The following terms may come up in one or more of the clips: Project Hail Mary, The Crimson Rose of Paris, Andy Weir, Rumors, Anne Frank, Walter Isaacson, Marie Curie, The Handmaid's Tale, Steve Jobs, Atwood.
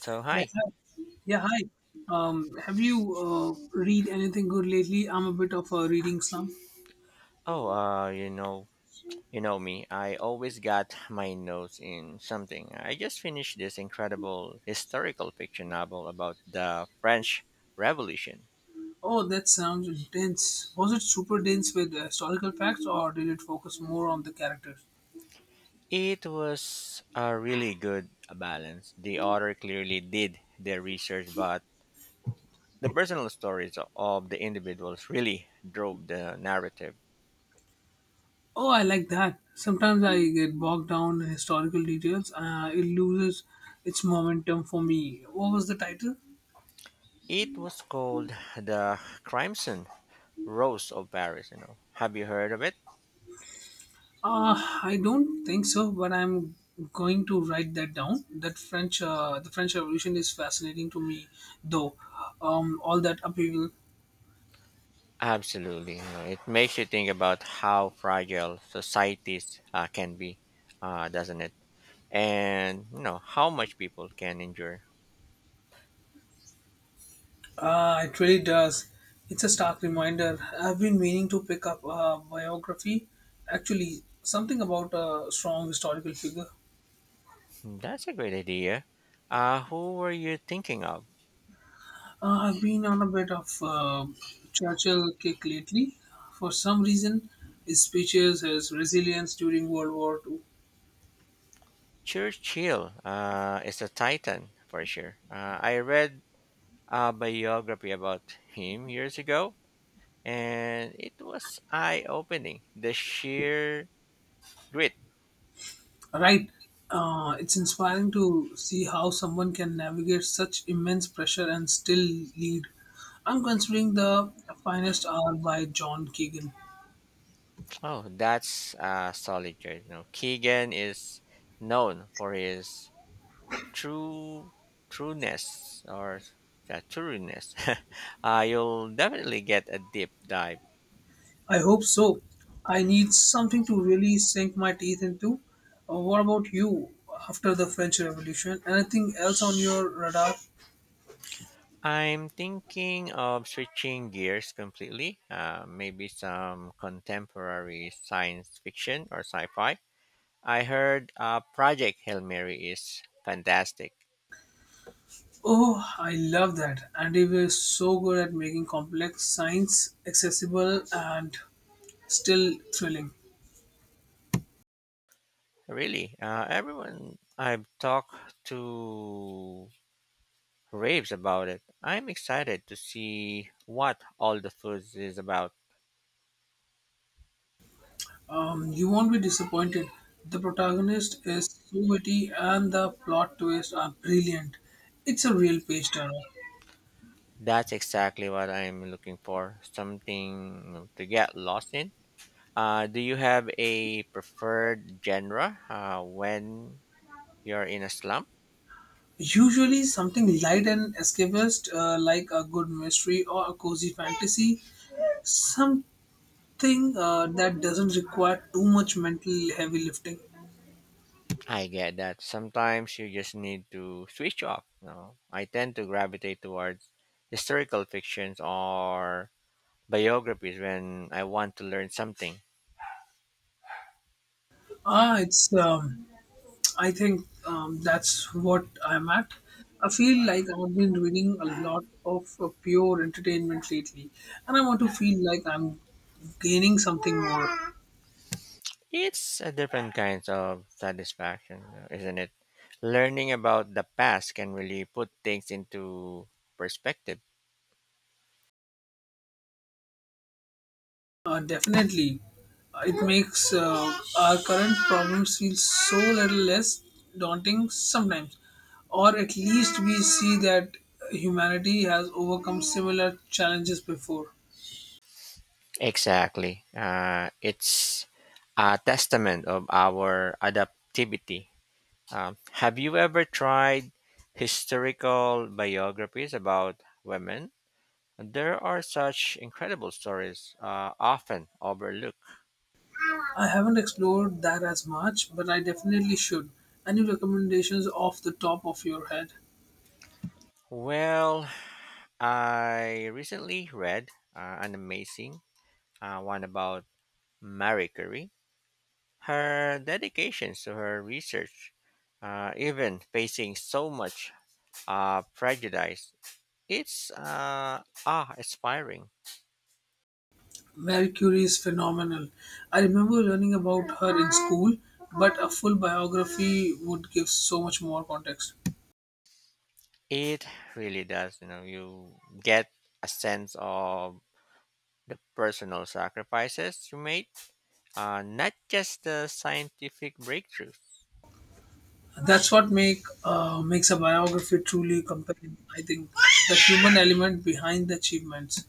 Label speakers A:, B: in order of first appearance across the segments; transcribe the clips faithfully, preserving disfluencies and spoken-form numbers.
A: So
B: Yes,
A: hi.
B: hi. Yeah, hi. Um, have you uh, read anything good lately? I'm a bit of a reading slump.
A: Oh, uh, you know, you know me. I always got my nose in something. I just finished this incredible historical fiction novel about the French Revolution.
B: Oh, that sounds dense. Was it super dense with historical facts, or did it focus more on the characters?
A: It was a really good balance. The author clearly did their research, but the personal stories of the individuals really drove the narrative.
B: Oh, I like that. Sometimes I get bogged down in historical details. Uh, it loses its momentum for me. What was the title?
A: It was called The Crimson Rose of Paris, you know. Have you heard of it?
B: Uh, I don't think so, but I'm going to write that down. That French, uh, the French Revolution is fascinating to me, though. Um, all that upheaval,
A: Absolutely. you know, It makes you think about how fragile societies uh, can be, uh, doesn't it? And, you know, how much people can endure.
B: uh, it really does. It's a stark reminder. I've been meaning to pick up a biography, actually, something about a strong historical figure.
A: Hmm. That's a great idea. Uh, who were you thinking of?
B: Uh, I've been on a bit of uh, Churchill kick lately. For some reason, his speeches, his resilience during World War Two.
A: Churchill uh, is a titan for sure. Uh, I read a biography about him years ago, and it was eye opening. The sheer grit.
B: Right. Uh, it's inspiring to see how someone can navigate such immense pressure and still lead. I'm considering The Finest Hour by John Keegan.
A: Oh, that's a solid choice. No, Keegan is known for his true trueness or uh, trueness. uh, you'll definitely get a deep dive.
B: I hope so. I need something to really sink my teeth into. Uh, what about you after the French Revolution? Anything else on your radar?
A: I'm thinking of switching gears completely. Uh, maybe some contemporary science fiction or sci-fi. I heard uh, Project Hail Mary is fantastic.
B: Oh, I love that. Andy Weir is so good at making complex science accessible and still thrilling.
A: Really, uh, everyone I've talked to raves about it. I'm excited to see what all the foods is about.
B: Um, you won't be disappointed. The protagonist is so witty and the plot twists are brilliant. It's a real page turner.
A: That's exactly what I'm looking for. Something to get lost in. Uh, do you have a preferred genre uh, when you're in a slump?
B: Usually, something light and escapist, uh, like a good mystery or a cozy fantasy, something uh, that doesn't require too much mental heavy lifting.
A: I get that. Sometimes you just need to switch off. You know? I tend to gravitate towards historical fictions or biographies when I want to learn something.
B: Ah, it's. Um, I think um, that's what I'm at. I feel like I've been reading a lot of uh, pure entertainment lately, and I want to feel like I'm gaining something more.
A: It's a different kind of satisfaction, uh, isn't it? Learning about the past can really put things into perspective.
B: Uh, definitely. Uh, it makes uh, our current problems feel so little less daunting sometimes, or at least we see that humanity has overcome similar challenges before.
A: Exactly. Uh, it's a testament of our adaptivity. Um, have you ever tried historical biographies about women? There are such incredible stories, uh, often overlooked.
B: I haven't explored that as much, but I definitely should. Any recommendations off the top of your head?
A: Well, I recently read uh, an amazing uh, one about Marie Curie, her dedication to her research, uh, even facing so much uh, prejudice, it's uh, ah inspiring.
B: Mary Curie is phenomenal. I remember learning about her in school, but a full biography would give so much more context.
A: It really does. You know, you get a sense of the personal sacrifices you made, uh, not just the scientific breakthroughs.
B: That's what make uh, makes a biography truly compelling. I think the human element behind the achievements.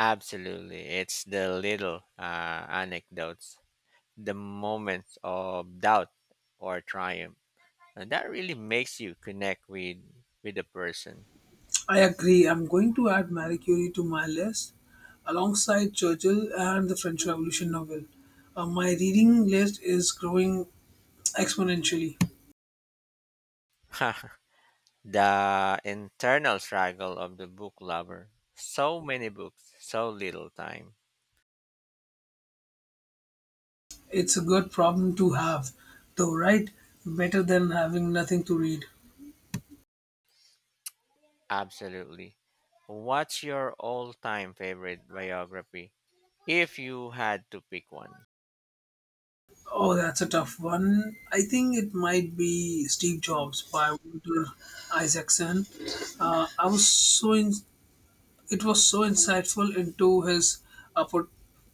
A: Absolutely, it's the little uh, anecdotes, the moments of doubt or triumph. And that really makes you connect with with the person.
B: I agree. I'm going to add Marie Curie to my list, alongside Churchill and the French Revolution novel. Uh, my reading list is growing exponentially.
A: the internal struggle of the book lover. So many books, so little time.
B: It's a good problem to have, though, right? Better than having nothing to read.
A: Absolutely. What's your all-time favorite biography if you had to pick one?
B: Oh, that's a tough one. I think it might be Steve Jobs by Walter Isaacson. Uh, I was so in, It was so insightful into his uh, per-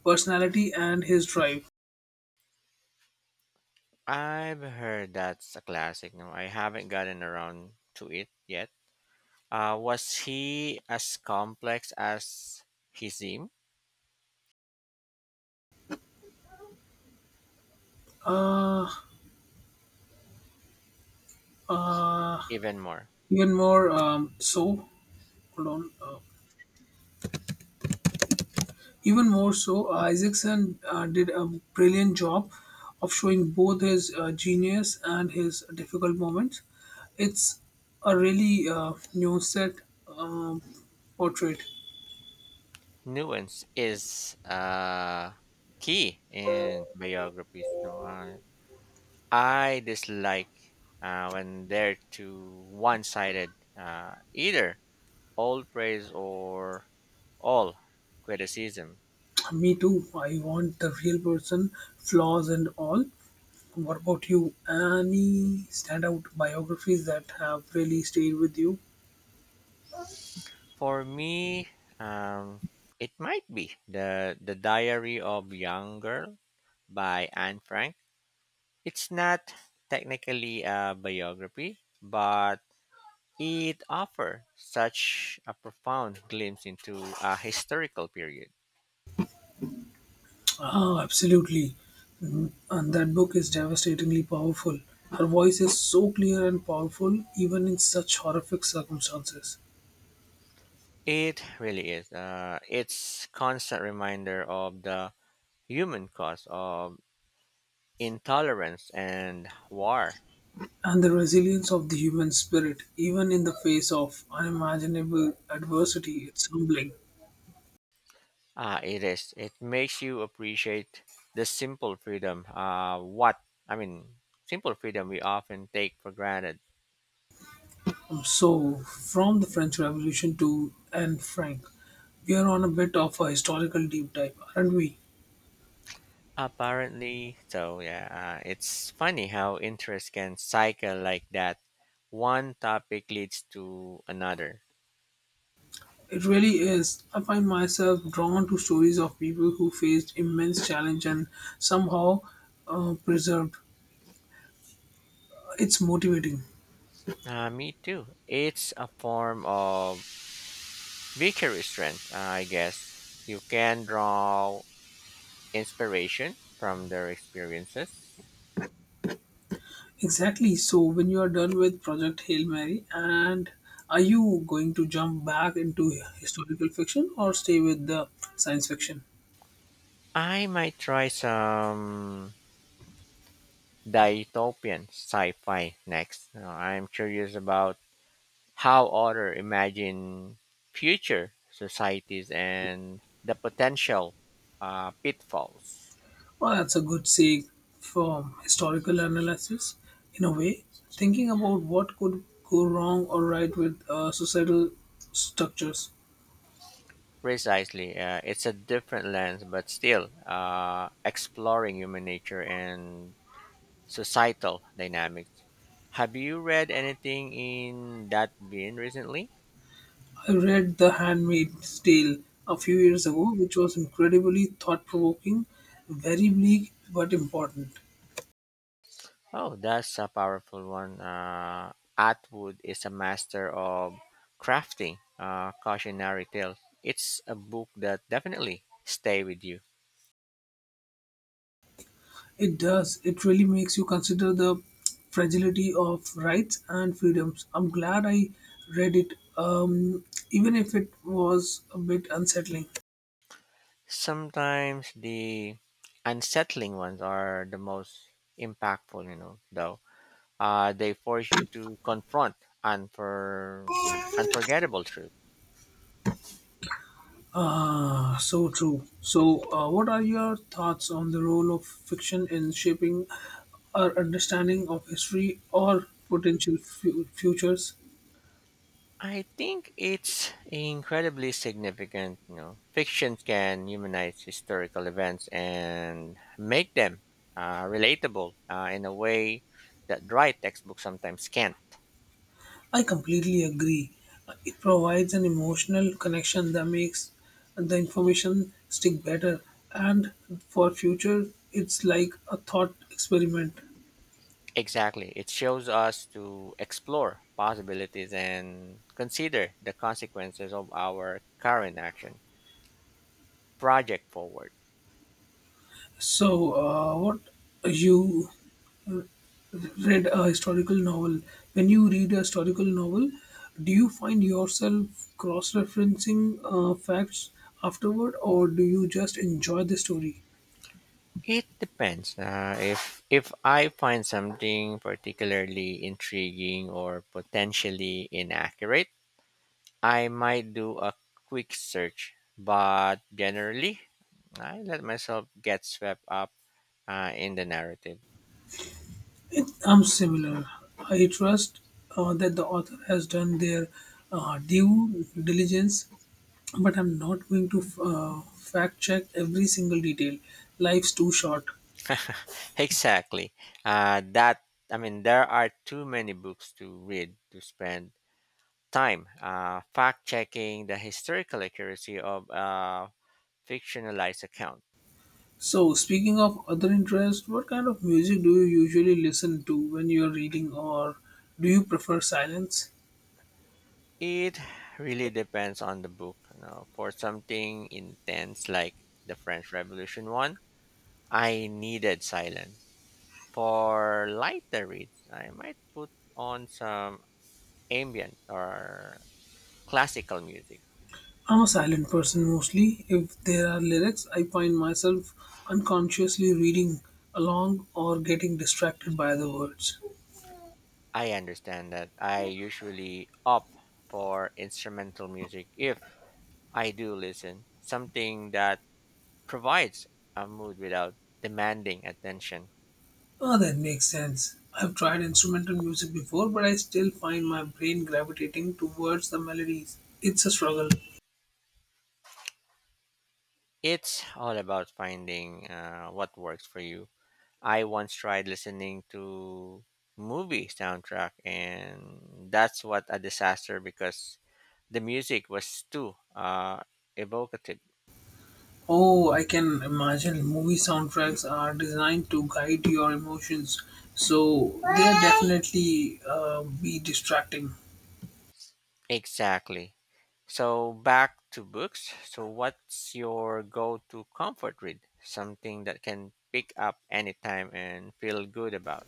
B: personality and his drive.
A: I've heard that's a classic. No, I haven't gotten around to it yet. Uh, was he as complex as he seemed?
B: Uh, uh,
A: Even more.
B: even more um, so. Hold on. Uh, Even more so. uh, Isaacson uh, did a brilliant job of showing both his uh, genius and his difficult moments. It's a really uh, nuanced um, portrait.
A: Nuance is uh, key in biographies. No, uh, I dislike uh, when they're too one-sided, uh, either all praise or all criticism.
B: Me too. I want the real person, flaws and all. What about you? Any standout biographies that have really stayed with you?
A: For me, um, it might be the the Diary of Young Girl by Anne Frank. It's not technically a biography, but it offers such a profound glimpse into a historical period.
B: Oh, absolutely. Mm, and that book is devastatingly powerful. Her voice is so clear and powerful, even in such horrific circumstances.
A: It really is. Uh, it's constant reminder of the human cost of intolerance and war.
B: And the resilience of the human spirit, even in the face of unimaginable adversity, it's humbling.
A: Ah, it is. It makes you appreciate the simple freedom. Uh, what I mean, simple freedom we often take for granted.
B: Um, So, from the French Revolution to Anne Frank, we are on a bit of a historical deep dive, aren't we?
A: Apparently, so yeah, uh, it's funny how interest can cycle like that. One topic leads to another.
B: It really is. I find myself drawn to stories of people who faced immense challenge and somehow uh, preserved. It's motivating.
A: Uh, me too. It's a form of vicary strength, uh, I guess. You can draw inspiration from their experiences.
B: Exactly. So when you are done with Project Hail Mary, and are you going to jump back into historical fiction or stay with the science fiction?
A: I might try some dystopian sci fi next. Uh, I'm curious about how authors imagine future societies and the potential uh, pitfalls.
B: Well, that's a good say for historical analysis. In a way, thinking about what could go wrong or right with uh, societal structures.
A: Precisely, uh, it's a different lens, but still uh, exploring human nature and societal dynamics. Have you read anything in that vein recently?
B: I read The Handmaid's Tale a few years ago, which was incredibly thought provoking, very bleak but important.
A: Oh, that's a powerful one. Uh, Atwood is a master of crafting uh, cautionary tales. It's a book that definitely stay with you.
B: It does, it really makes you consider the fragility of rights and freedoms. I'm glad I read it, um, even if it was a bit unsettling.
A: Sometimes the unsettling ones are the most impactful, you know, though. Uh, they force you to confront unfor- unforgettable truth.
B: Ah, so true. So, uh, what are your thoughts on the role of fiction in shaping our understanding of history or potential fu- futures?
A: I think it's incredibly significant, you know. Fiction can humanize historical events and make them uh, relatable uh, in a way that dry textbooks sometimes can't.
B: I completely agree. It provides an emotional connection that makes the information stick better. And for future, it's like a thought experiment.
A: Exactly. It shows us to explore possibilities and consider the consequences of our current action. Project forward.
B: So, uh, what you read a historical novel. When you read a historical novel, do you find yourself cross referencing uh, facts afterward, or do you just enjoy the story?
A: It depends. Uh, if if I find something particularly intriguing or potentially inaccurate, I might do a quick search. But generally, I let myself get swept up uh, in the narrative.
B: It, I'm similar. I trust uh, that the author has done their uh, due diligence, but I'm not going to uh, fact check every single detail. Life's too short.
A: Exactly. Uh, that I mean, there are too many books to read to spend time uh, fact checking the historical accuracy of a fictionalized account.
B: So, speaking of other interests, what kind of music do you usually listen to when you're reading, or do you prefer silence?
A: It really depends on the book. You know. For something intense like the French Revolution one, I needed silence. For lighter reads, I might put on some ambient or classical music.
B: I'm a silent person mostly. If there are lyrics, I find myself unconsciously reading along or getting distracted by the words.
A: I understand that. I usually opt for instrumental music if I do listen, something that provides a mood without demanding attention.
B: Oh, that makes sense. I've tried instrumental music before, but I still find my brain gravitating towards the melodies. It's a struggle.
A: It's all about finding uh, what works for you. I once tried listening to movie soundtrack and that's what a disaster because the music was too uh, evocative.
B: Oh, I can imagine movie soundtracks are designed to guide your emotions, so they'll definitely uh, be distracting.
A: Exactly. So back to books. So what's your go-to comfort read? Something that can pick up anytime and feel good about.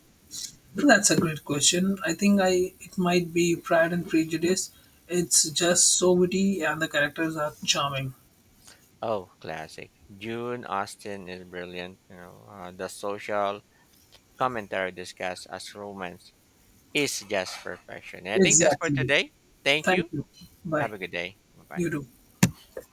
B: That's a great question. I think I it might be Pride and Prejudice. It's just so witty, and the characters are charming.
A: Oh, classic. June Austen is brilliant. You know, uh, the social commentary discussed as romance is just perfection. And I think that's for
B: Exactly.
A: today. Thank
B: Thank
A: you.
B: you.
A: Have
B: Bye.
A: a good day. Bye bye.
B: You too.